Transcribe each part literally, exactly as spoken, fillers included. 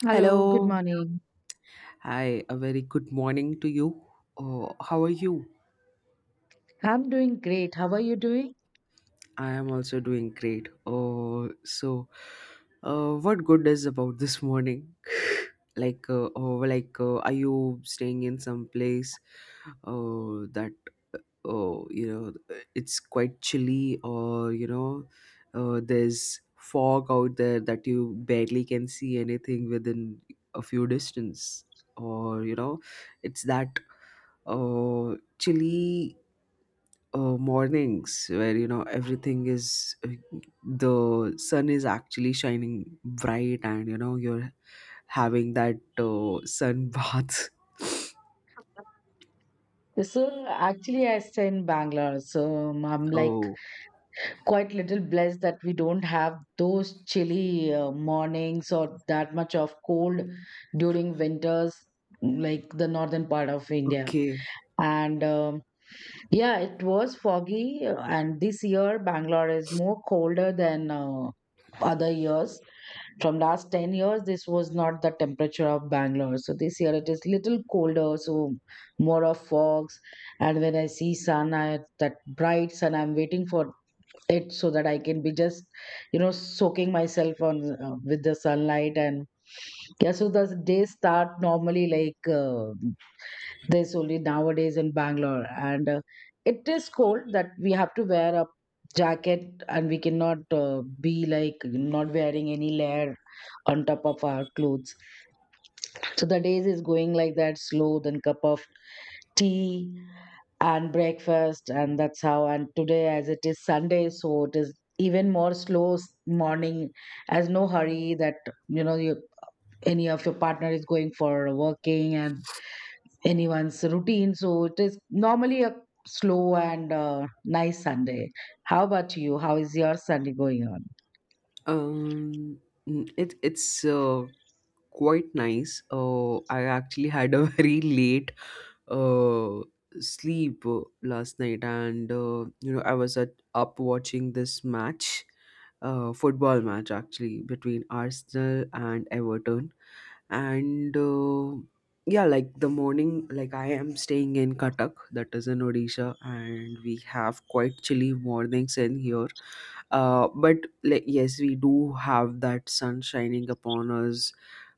Hello, good Hello. morning. Hi, a very good morning to you. Uh, how are you? I'm doing great. How are you doing? I am also doing great. Uh, so, uh, what good is about this morning? Like, uh, oh, like, uh, are you staying in some place, uh, that, uh, you know it's quite chilly? Or, you know, uh, there's fog out there that you barely can see anything within a few distance? Or, you know, it's that uh, chilly, uh, mornings where, you know, everything is, uh, the sun is actually shining bright, and, you know, you're having that uh, sun bath. So actually, I stay in Bangalore, so um, I'm like Oh. quite little blessed that we don't have those chilly uh, mornings or that much of cold during winters, like the northern part of India. Okay. And um, yeah, it was foggy, uh, and this year Bangalore is more colder than uh, other years. From last ten years this was not the temperature of Bangalore, so this year it is little colder, so more of fogs. And when I see sun, I, that bright sun I'm waiting for it so that I can be just you know soaking myself on uh, with the sunlight. And yeah, so the day start normally like uh, there's only nowadays in Bangalore, and uh, it is cold that we have to wear a jacket, and we cannot uh, be like not wearing any layer on top of our clothes. So the days is going like that, slow, then cup of tea and breakfast, and that's how. And today, as it is Sunday, so it is even more slow s- morning, as no hurry that you know you, any of your partner is going for working and anyone's routine. So it is normally a slow and uh, nice Sunday. How about you? How is your Sunday going on? um mm, it it's uh, quite nice, uh, I actually had a very late, uh, sleep, uh, last night. And, uh, you know, I was at, up watching this match, uh, football match actually between Arsenal and Everton. And, uh, yeah, like the morning, like I am staying in Cuttack, that is in Odisha, and we have quite chilly mornings in here. Uh, but like yes, we do have that sun shining upon us,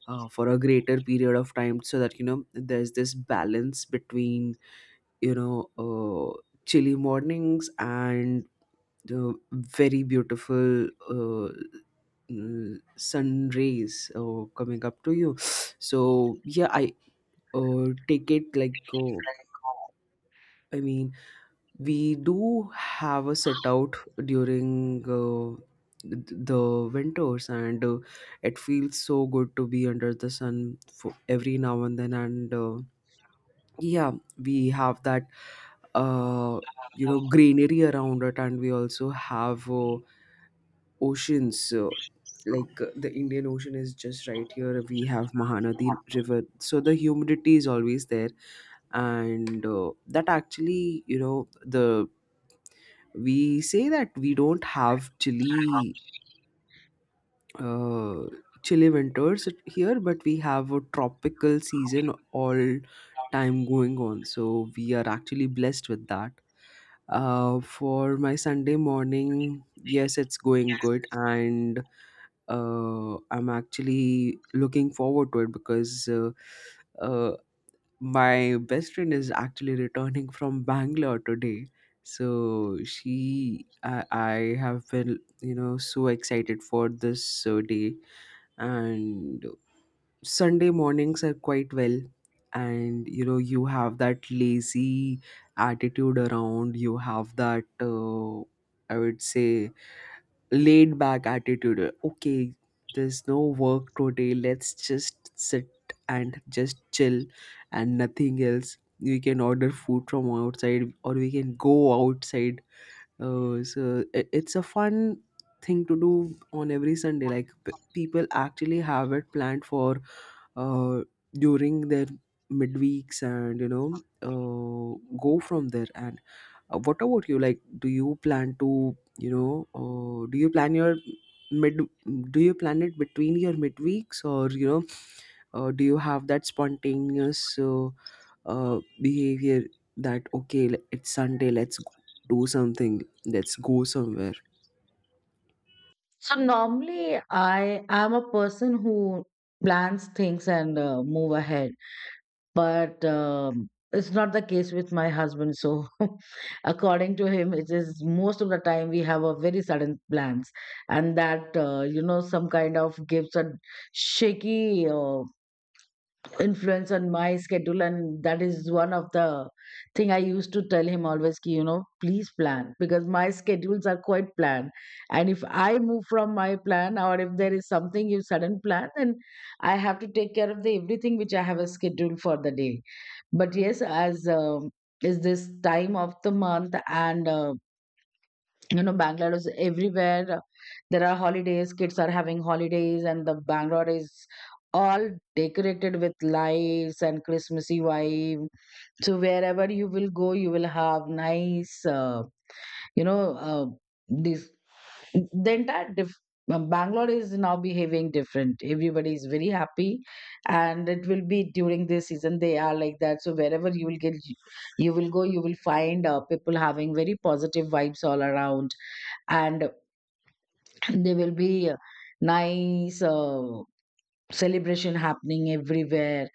uh, for a greater period of time, so that, you know, there's this balance between, you know, uh, chilly mornings and, uh, very beautiful, uh, mm, sun rays, uh, coming up to you. So, yeah, I, uh, take it like, uh, I mean, we do have a set out during, uh, th- the winters, and, uh, it feels so good to be under the sun for every now and then. And, uh, yeah, we have that uh you know greenery around it, and we also have, uh, oceans, uh, like, uh, the Indian Ocean is just right here. We have Mahanadi River, so the humidity is always there. And, uh, that actually, you know, the we say that we don't have chilly, uh, chilly winters here, but we have a tropical season all time going on. So we are actually blessed with that. Uh, for my Sunday morning, yes, it's going good. And, uh, I'm actually looking forward to it because, uh, uh, my best friend is actually returning from Bangalore today. So she, I, I have been, you know, so excited for this, uh, day. And Sunday mornings are quite well, and, you know, you have that lazy attitude around. You have that, uh, I would say, laid back attitude. Okay, there's no work today, let's just sit and just chill, and nothing else. We can order food from outside or we can go outside. Uh, so it, it's a fun thing to do on every Sunday. Like, p- people actually have it planned for, uh, during their midweeks, and, you know, uh, go from there. And, uh, what about you? Like, do you plan to, you know, uh, do you plan your mid? Do you plan it between your midweeks? Or, you know, uh, do you have that spontaneous, uh, uh, behavior, that okay, l- it's Sunday, let's, g- do something, let's go somewhere. So normally I am a person who plans things and uh, move ahead, but um, it's not the case with my husband. So according to him, it is most of the time we have a very sudden plans, and that uh, you know some kind of gives a shaky. Uh, influence on my schedule, and that is one of the thing I used to tell him always ki, you know please plan, because my schedules are quite planned, and if I move from my plan, or if there is something you sudden plan, then I have to take care of the everything which I have a schedule for the day. But yes, as um, is this time of the month, and uh, you know Bangladesh everywhere, there are holidays, kids are having holidays, and the Bangalore is all decorated with lights and Christmassy vibe. So wherever you will go, you will have nice, uh, you know, uh, this the entire diff- uh, Bangalore is now behaving different. Everybody is very happy, and it will be during this season they are like that. So wherever you will get, you will go, you will find uh, people having very positive vibes all around, and there will be uh, nice uh, celebration happening everywhere.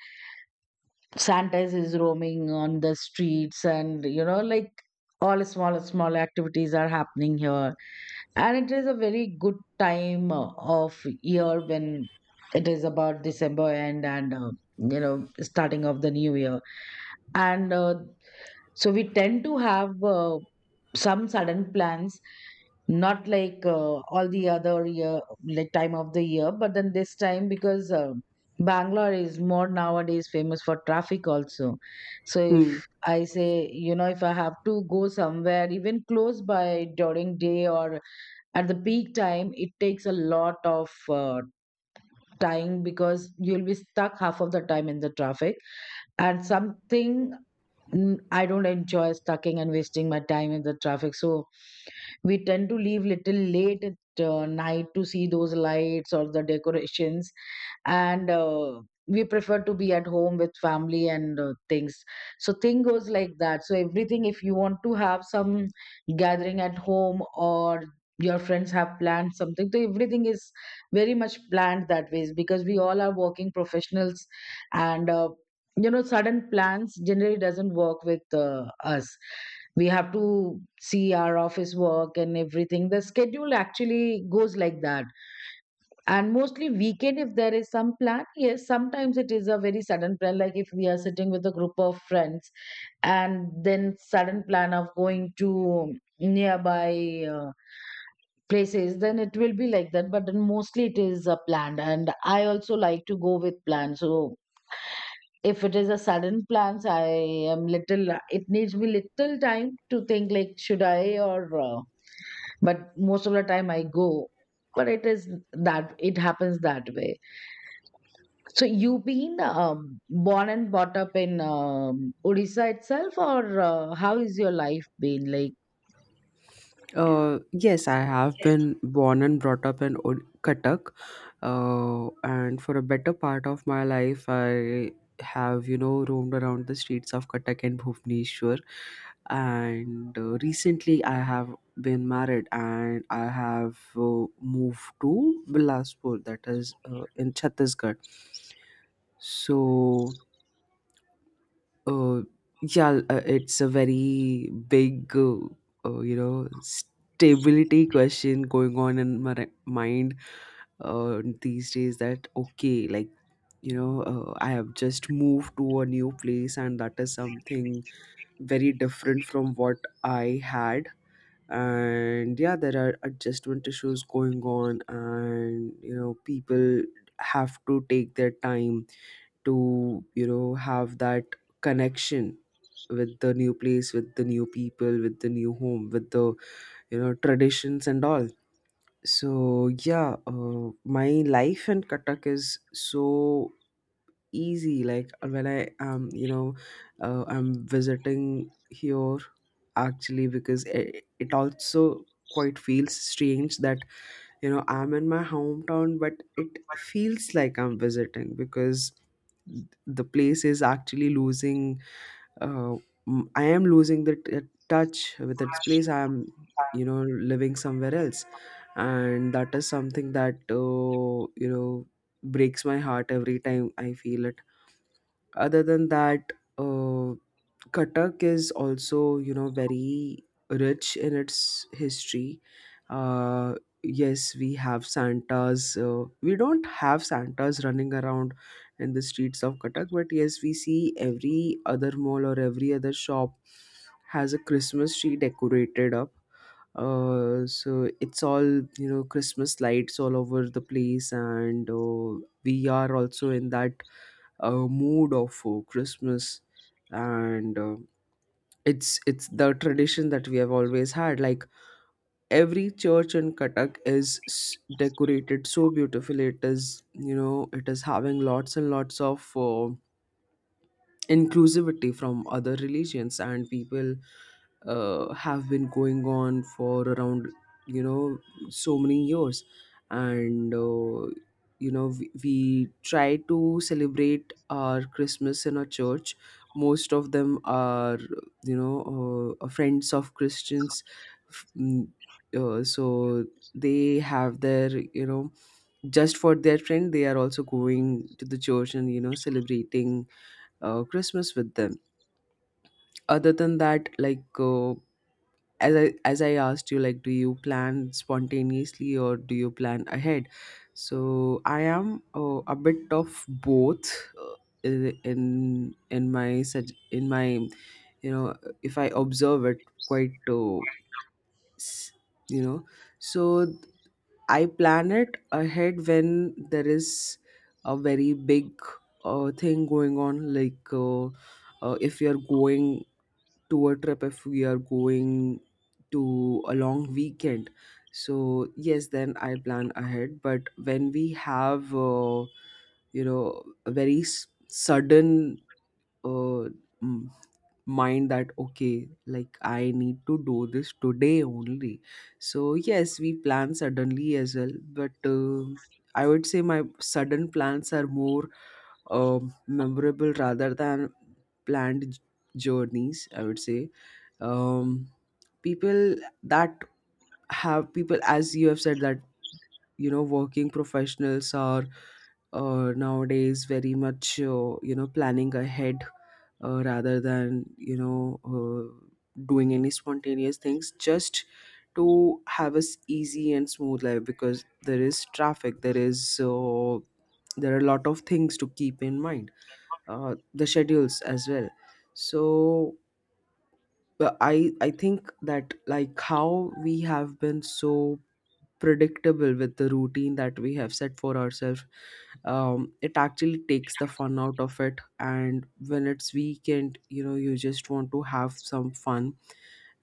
Santas is roaming on the streets, and you know, like all small small activities are happening here. And it is a very good time uh, of year when it is about December end, and uh, you know starting of the new year. And uh, so we tend to have. Uh, some sudden plans, not like uh, all the other year, like time of the year, but then this time because uh, Bangalore is more nowadays famous for traffic also. So Hmm. if I say you know, if I have to go somewhere even close by during day or at the peak time, it takes a lot of uh, time because you'll be stuck half of the time in the traffic and something. Mm, I don't enjoy stucking and wasting my time in the traffic. So we tend to leave little late at uh, night to see those lights or the decorations, and uh, we prefer to be at home with family and uh, things. So thing goes like that. So everything, if you want to have some gathering at home or your friends have planned something, so everything is very much planned that way, because we all are working professionals, and uh, you know sudden plans generally doesn't work with uh, us. We have to see our office work, and everything the schedule actually goes like that. And mostly weekend, if there is some plan, yes, sometimes it is a very sudden plan, like if we are sitting with a group of friends and then sudden plan of going to nearby uh, places, then it will be like that. But then mostly it is uh, planned, and I also like to go with plan. So if it is a sudden plans, I am little, it needs me little time to think like should I or uh, but most of the time I go, but it is that it happens that way. So you've been um, born and brought up in um, Odisha itself, or uh, how is your life been like? Uh, yes, I have been born and brought up in, Ud- Cuttack, uh, and for a better part of my life, I have, you know, roamed around the streets of Cuttack and Bhubaneswar, and, uh, recently I have been married, and I have, uh, moved to Bilaspur, that is, uh, in Chhattisgarh. So, uh, yeah, uh, it's a very big, uh, uh, you know, stability question going on in my, re- mind, uh, these days. That okay, like, you know, uh, I have just moved to a new place, and that is something very different from what I had. And yeah, there are adjustment issues going on, and, you know, people have to take their time to, you know, have that connection with the new place, with the new people, with the new home, with the, you know, traditions and all. So yeah, uh, my life in Cuttack is so easy. Like, uh, when I am, you know, uh, I'm visiting here actually, because it, it also quite feels strange that, you know, I'm in my hometown, but it feels like I'm visiting, because the place is actually losing, uh, m- I am losing the, t- touch with its place. I am, you know, living somewhere else. And that is something that, uh, you know, breaks my heart every time I feel it. Other than that, uh, Cuttack is also, you know, very rich in its history. Uh, yes, we have Santas. Uh, we don't have Santas running around in the streets of Cuttack, but yes, we see every other mall or every other shop has a Christmas tree decorated up. Uh, so it's all, you know, Christmas lights all over the place. And, uh, we are also in that, uh, mood of, uh, Christmas. And, uh, it's it's the tradition that we have always had. Like, every church in Cuttack is, s- decorated so beautifully. It is, you know, it is having lots and lots of, uh, inclusivity from other religions, and people, uh, have been going on for around, you know, so many years. And, uh, you know, we, we try to celebrate our Christmas in a church. Most of them are, you know, uh, uh, friends of Christians. F- mm, uh, so they have their, you know, just for their friend, they are also going to the church and, you know, celebrating, uh, Christmas with them. Other than that, like, uh, as I as I asked you, like, do you plan spontaneously or do you plan ahead? So I am, uh, a bit of both. uh, i- in in my, sug- in my, you know, if I observe it, quite, uh, s- you know, so th- I plan it ahead when there is a very big, uh, thing going on, like. Uh, uh, if you're going tour trip, if we are going to a long weekend, so yes, then I plan ahead. But when we have, uh, you know, a very, s- sudden, uh, mm, mind that okay, like, I need to do this today only. So yes, we plan suddenly as well. But, uh, I would say my sudden plans are more, um, memorable, rather than planned, j- journeys, I would say. Um, people that have people, as you have said, that, you know, working professionals are, uh, nowadays very much, uh, you know, planning ahead, uh, rather than, you know, uh, doing any spontaneous things, just to have us easy and smooth life, because there is traffic, there is, uh, there are a lot of things to keep in mind, uh, the schedules as well. So, uh, i i think that, like, how we have been so predictable with the routine that we have set for ourselves, um, it actually takes the fun out of it. And when it's weekend, you know, you just want to have some fun,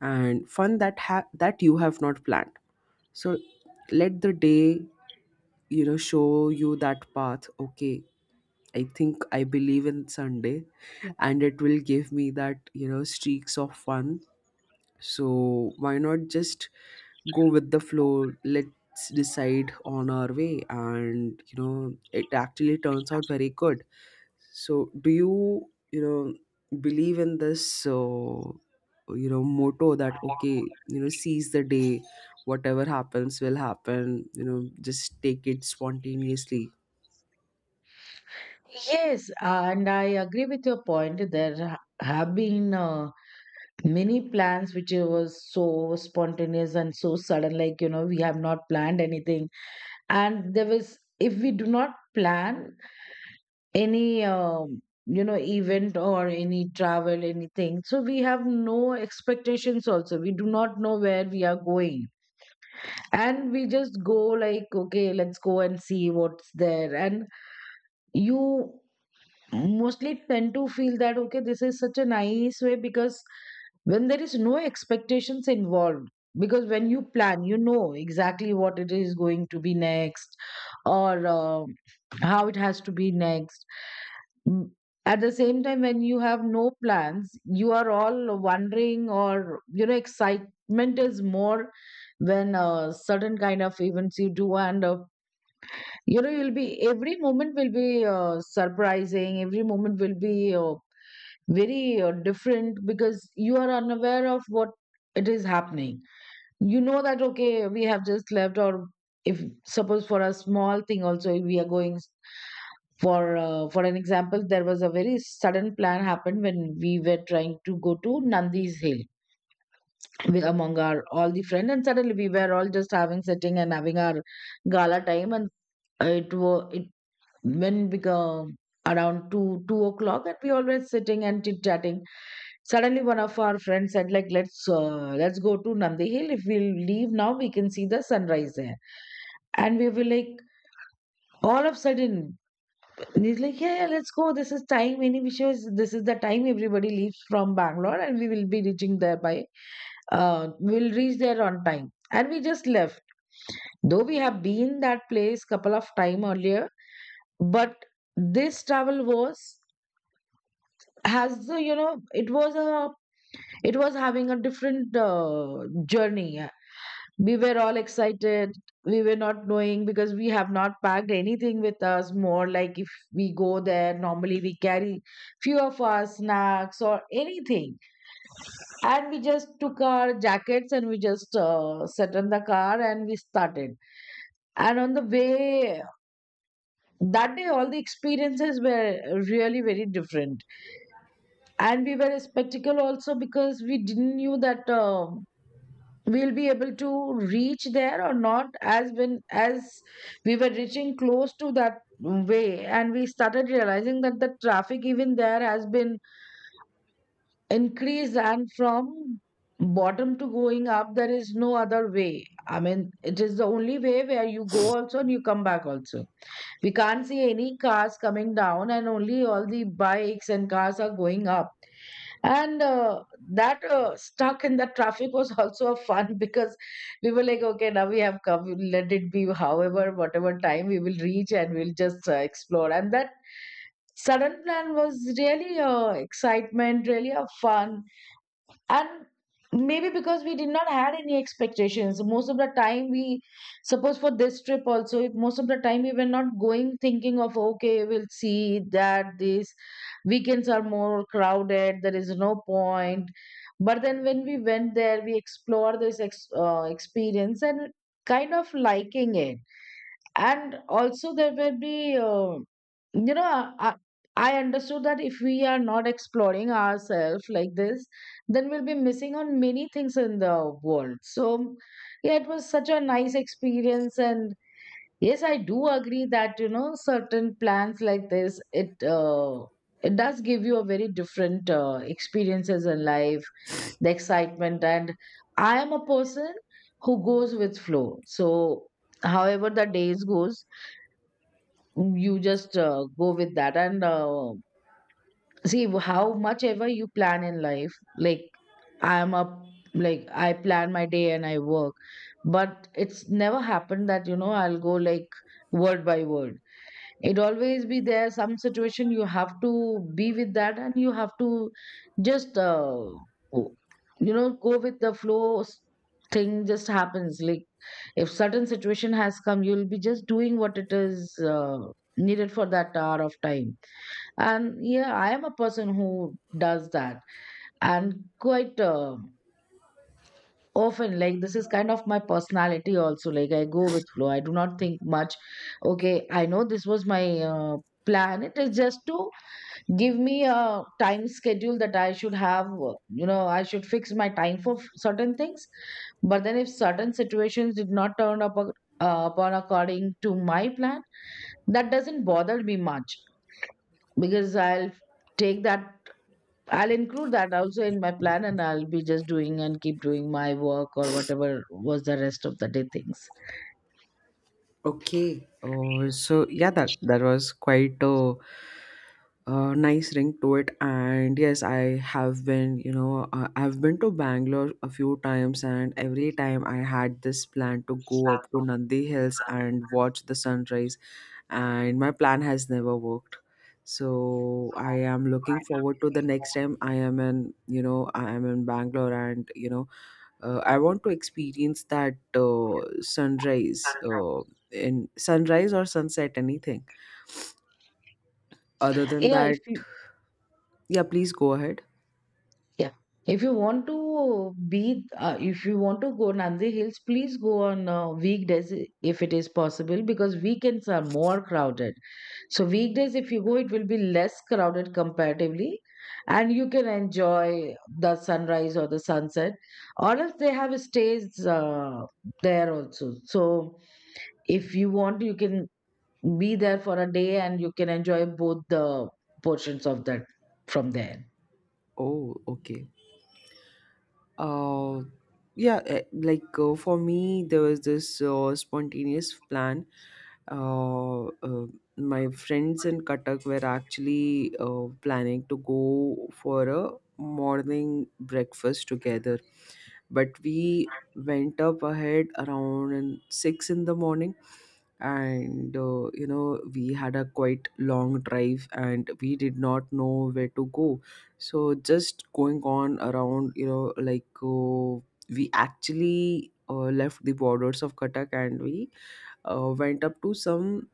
and fun that, ha- that you have not planned. So let the day, you know, show you that path. Okay, I think, I believe in Sunday, and it will give me that, you know, streaks of fun. So why not just go with the flow? Let's decide on our way, and, you know, it actually turns out very good. So do you, you know, believe in this, uh, you know, motto that okay, you know, seize the day, whatever happens will happen, you know, just take it spontaneously? Yes, and I agree with your point. There ha- have been uh, many plans which it was so spontaneous and so sudden. Like you know, we have not planned anything, and there was if we do not plan any um, you know event or any travel anything, so we have no expectations. Also, we do not know where we are going, and we just go like okay, let's go and see what's there. And you mostly tend to feel that okay, this is such a nice way, because when there is no expectations involved, because when you plan, you know exactly what it is going to be next, or uh, how it has to be next. Mm, at the same time, when you have no plans, you are all wondering, or you know, excitement is more when uh, certain kind of events you do, and uh, you know, you'll be every moment will be uh, surprising, every moment will be uh, very uh, different because you are unaware of what it is happening. You know that okay, we have just left, or if suppose for a small thing also we are going for uh, for an example, there was a very sudden plan happened when we were trying to go to Nandi's Hill with among our all the friends. And suddenly we were all just having sitting and having our gala time, and it was it when we go around 2 2 o'clock, and we always sitting and chit chatting, suddenly one of our friends said like let's uh, let's go to Nandi Hill. If we leave now, we can see the sunrise there. And we were like, all of a sudden he's like yeah, yeah, let's go. This is time, any wishes, this is the time everybody leaves from Bangalore, and we will be reaching there by uh, we'll reach there on time. And we just left, though we have been that place couple of time earlier, but this travel was, has uh, you know, it was a, it was having a different uh, journey. We were all excited. We were not knowing because we have not packed anything with us. More like if we go there normally, we carry few of our snacks or anything, and we just took our jackets, and we just uh, sat in the car and we started. And on the way, that day all the experiences were really very different. And we were a spectacle also, because we didn't knew that um we'll be able to reach there or not. As when as we were reaching close to that way, and we started realizing that the traffic even there has been increased. And from bottom to going up there is no other way, I mean it is the only way where you go also and you come back also. We can't see any cars coming down, and only all the bikes and cars are going up. And uh, that uh, stuck in the traffic was also a fun because we were like, okay, now we have come. We'll let it be, however, whatever time we will reach, and we'll just uh, explore. And that sudden plan was really a excitement, really a fun. And maybe because we did not had any expectations most of the time. We suppose for this trip also, if most of the time we were not going thinking of okay we'll see that these weekends are more crowded, there is no point. But then when we went there we explored this ex- uh, experience and kind of liking it. And also there will be uh, you know I, I understood that if we are not exploring ourselves like this, then we'll be missing on many things in the world. So yeah, it was such a nice experience. And yes, I do agree that you know certain plans like this, it uh, it does give you a very different uh, experiences in life, the excitement. And I am a person who goes with flow, so however the days goes, you just uh, go with that. And uh, See how much ever you plan in life, like i'm a like I plan my day and I work, but it's never happened that you know I'll go like word by word. It always be there some situation, you have to be with that, and you have to just uh, go- you know, go with the flow s- Thing just happens like, if certain situation has come, you'll be just doing what it is uh, needed for that hour of time. And yeah, I am a person who does that, and quite uh, often. Like, this is kind of my personality also. Like, I go with flow. I do not think much. Okay, I know this was my uh, plan. It is just to give me a time schedule that I should have, uh, you know, I should fix my time for f- certain things. But then, if certain situations did not turn up ac- uh, upon according to my plan, that doesn't bother me much, because I'll take that, I'll include that also in my plan, and I'll be just doing and keep doing my work or whatever was the rest of the day things. Okay, uh, so yeah, that that was quite a a nice ring to it. And yes, I have been, you know, uh, I've been to Bangalore a few times, and every time I had this plan to go up to Nandi Hills and watch the sunrise, and my plan has never worked. So I am looking forward to the next time I am in, you know, I am in Bangalore. And, you know, uh, I want to experience that, uh, sunrise, uh, in sunrise or sunset, anything. Other than Yeah, if that... you, Yeah, please go ahead. yeah. If you want to be, uh, if you want to go Nandi Hills, please go on uh, weekdays, i- if it is possible, because weekends are more crowded. So weekdays, if you go, it will be less crowded comparatively, and you can enjoy the sunrise or the sunset. Or else they have stays uh, there also. So if you want, you can be there for a day and you can enjoy both the portions of that from there. Oh, okay. Uh, yeah, eh, like, uh, for me, there was this, uh, spontaneous plan. Uh, uh, my friends in Katak were actually, uh, planning to go for a morning breakfast together, but we went up ahead around, in- six in the morning. And, uh, you know, we had a quite long drive and we did not know where to go, so just going on around, you know, like, uh, we actually, uh, left the borders of Katak, and we, uh, went up to some,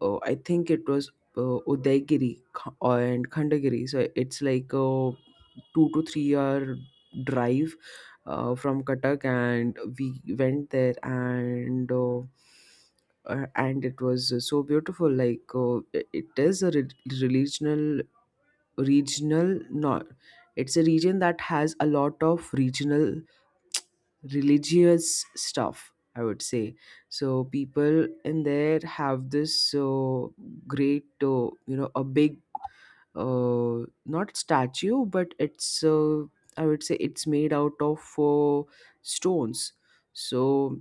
uh, I think it was, uh, Udaygiri, Kh- and Khandagiri. So it's like a two to three hour drive, uh, from Katak, and we went there. And, uh, uh, and it was, uh, so beautiful. Like, uh, i- it is a, re- regional, regional, not. It's a region that has a lot of regional religious stuff, i would say. So people in there have this so great, uh, you know, a big uh, not statue, but it's, uh, i would say it's made out of uh, stones. So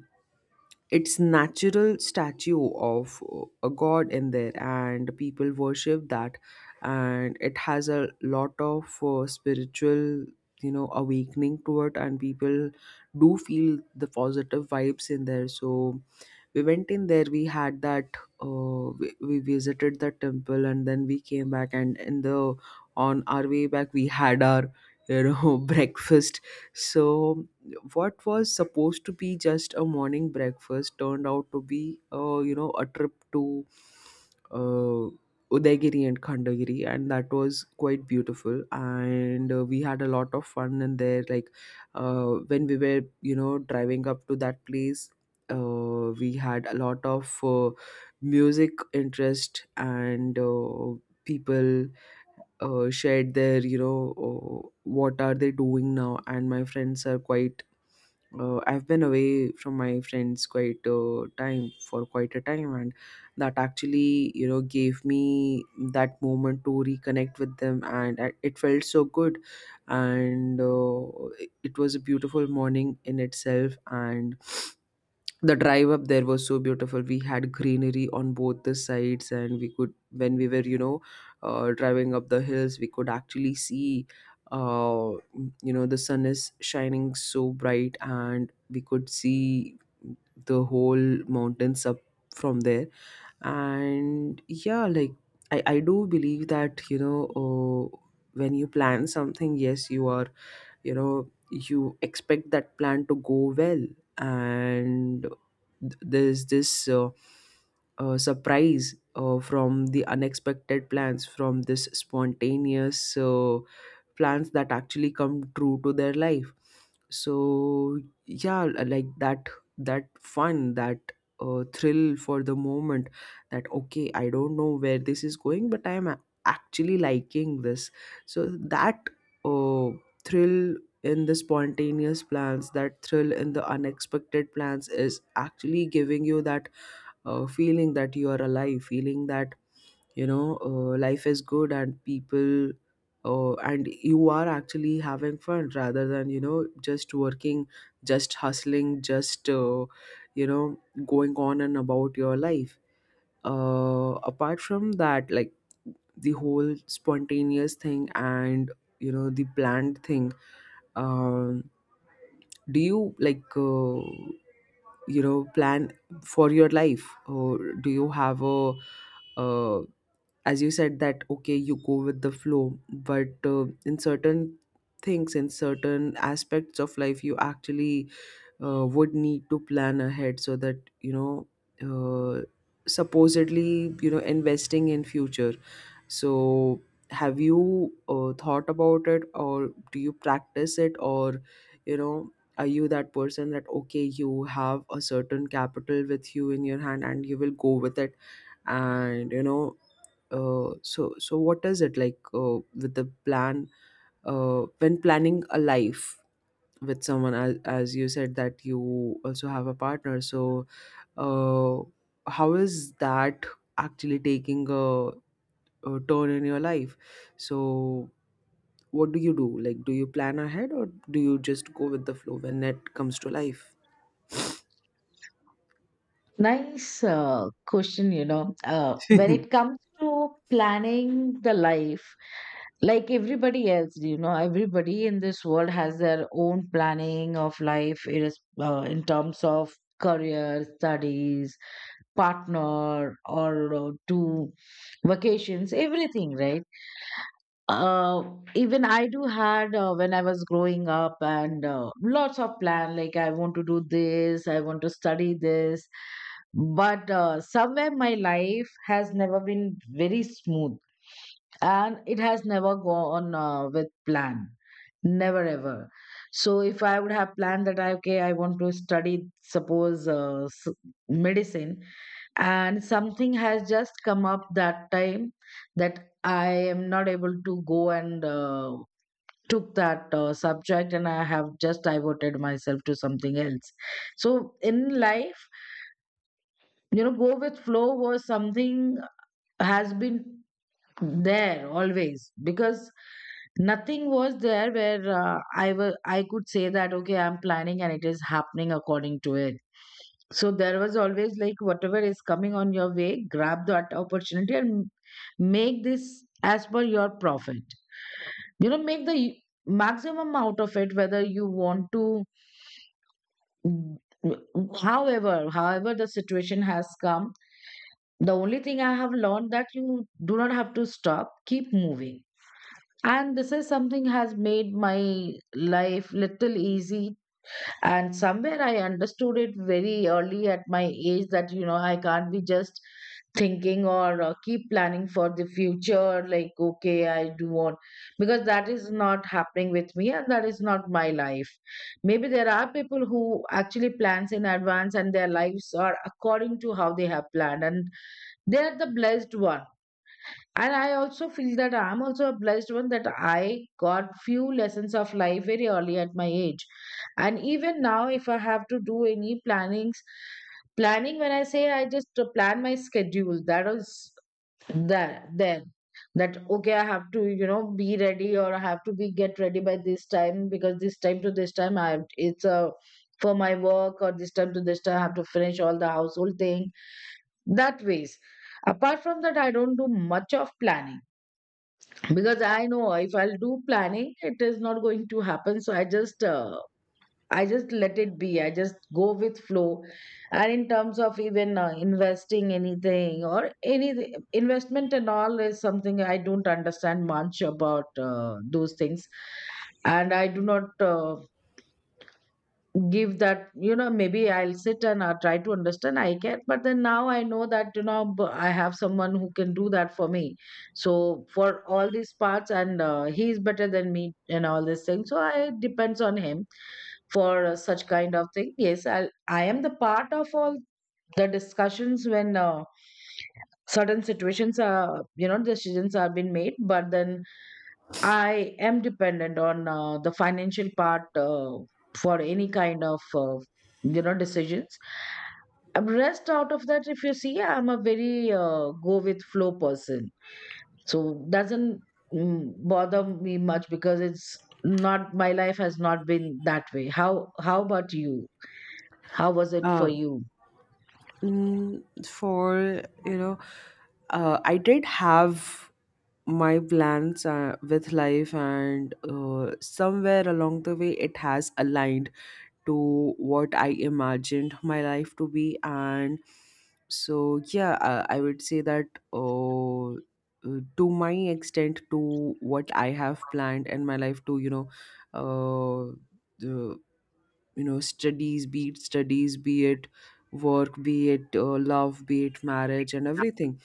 it's natural statue of uh, a god in there, and people worship that. And it has a lot of uh, spiritual, you know awakening to it, and people do feel the positive vibes in there. So we went in there, we had that uh, we, we visited the temple, and then we came back. And in the on our way back we had our you know breakfast. So what was supposed to be just a morning breakfast turned out to be, uh, you know a trip to uh, Udaygiri and Khandagiri, and that was quite beautiful. And uh, we had a lot of fun in there. Like uh, when we were, you know, driving up to that place, uh, we had a lot of uh, music interest, and uh, people uh, shared their, you know uh, what are they doing now. And my friends are quite uh, i've been away from my friends quite uh, time for quite a time, and that actually, you know, gave me that moment to reconnect with them, and I- it felt so good. And uh, it it was a beautiful morning in itself, and the drive up there was so beautiful. We had greenery on both the sides, and we could, when we were, you know, uh, driving up the hills, we could actually see, uh, you know, the sun is shining so bright, and we could see the whole mountains up from there. And yeah, like, i i do believe that, you know, uh, when you plan something, yes, you are, you know, you expect that plan to go well. And th- there's this, uh, uh, surprise uh, from the unexpected plans, from this spontaneous uh, plans that actually come true to their life. So yeah, like that, that fun, that uh, thrill for the moment, that okay, i don't know where this is going, but i am a- actually liking this. So that, uh, thrill in the spontaneous plans, that thrill in the unexpected plans is actually giving you that uh, feeling that you are alive, feeling that, you know, uh, life is good, and people, uh, and you are actually having fun, rather than, you know, just working, just hustling, just, uh, you know going on and about your life. Uh, apart from that, like the whole spontaneous thing and, you know, the planned thing, um do you like, uh, you know, plan for your life, or do you have a, uh, as you said that okay, you go with the flow, but uh, in certain things, in certain aspects of life, you actually uh, would need to plan ahead, so that, you know, uh, supposedly, you know, investing in future. So, have you uh, thought about it, or do you practice it, or, you know, are you that person that okay, you have a certain capital with you in your hand and you will go with it, and, you know, uh, so so what is it like, uh, with the plan, uh, when planning a life? With someone, as, as you said that you also have a partner. So uh, how is that actually taking a, uh, turn in your life. So, what do you do? Like, do you plan ahead, or do you just go with the flow when it comes to life? Nice uh, question. You know, uh, uh, when it comes to planning the life, like everybody else, you know, everybody in this world has their own planning of life. It is uh, in terms of career, studies, partner, or uh, to vacations, everything, right? Uh, Even I do had uh, when I was growing up, and uh, lots of plan, like I want to do this, I want to study this. But uh, somewhere my life has never been very smooth, and it has never gone uh, with plan. Never ever. So if I would have planned that I, okay, I want to study, suppose uh, s- medicine, and something has just come up that time, that I am not able to go and uh, took that uh, subject, and I have just diverted myself to something else. So in life, you know, go with flow was something has been there always, because nothing was there where uh, I was I could say that okay, I'm planning and it is happening according to it. So there was always like, whatever is coming on your way, grab that opportunity and make this as per your profit. You know, make the maximum out of it, whether you want to. However however the situation has come, the only thing I have learned that you do not have to stop, keep moving. And this is something has made my life little easy. And somewhere I understood it very early at my age, that you know, I can't be just thinking or uh, keep planning for the future, like okay I do want, because that is not happening with me and that is not my life. Maybe there are people who actually plans in advance and their lives are according to how they have planned, and they are the blessed one. And I also feel that I'm also a blessed one, that I got few lessons of life very early at my age. And even now, if I have to do any plannings, planning when I say, I just plan my schedule, that is, that then, that okay I have to, you know, be ready, or I have to be get ready by this time, because this time to this time I have, it's a for my work, or this time to this time I have to finish all the household thing. That ways, apart from that, I don't do much of planning, because I know if I'll do planning it is not going to happen. So I just uh, I just let it be. I just go with flow. And in terms of even uh, investing anything or any investment and all is something I don't understand much about uh, those things. And I do not uh, give that. You know, maybe I'll sit and I try to understand, I can, but then now I know that you know, b- I have someone who can do that for me. So for all these parts, and uh, he is better than me and all these things, so I depends on him for uh, such kind of thing. Yes, i i am the part of all the discussions when uh, certain situations are, you know, decisions are being made, but then I am dependent on uh, the financial part uh, for any kind of uh, you know, decisions. Um, Rest out of that, if you see, I'm a very uh, go with flow person, so doesn't mm, bother me much, because it's not, my life has not been that way. How how about you? How was it for you? mm, for you know, uh, i did have my plans uh, with life, and uh, somewhere along the way it has aligned to what I imagined my life to be. And so, yeah, I, I would say that, uh, uh, to my extent, to what I have planned in my life, to, you know, uh, the, you know, studies, be it studies, be it work, be it uh, love, be it marriage, and everything.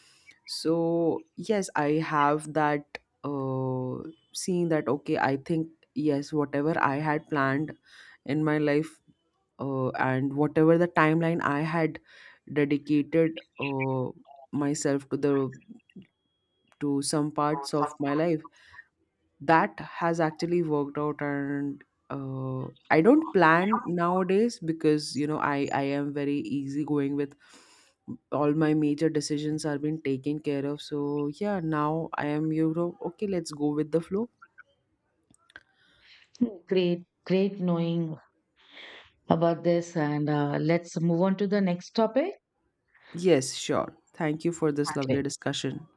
So, yes, I have that, uh, seeing that, okay, I think, yes, whatever I had planned in my life, uh, and whatever the timeline i had dedicated uh, myself to the to some parts of my life, that has actually worked out. And uh, i don't plan nowadays because, you know, i i am very easygoing with all my major decisions are being taken care of. So yeah, now i am, you know, okay, let's go with the flow. Hmm, great, great knowing about this, and uh, let's move on to the next topic. Yes, sure, thank you for this lovely discussion.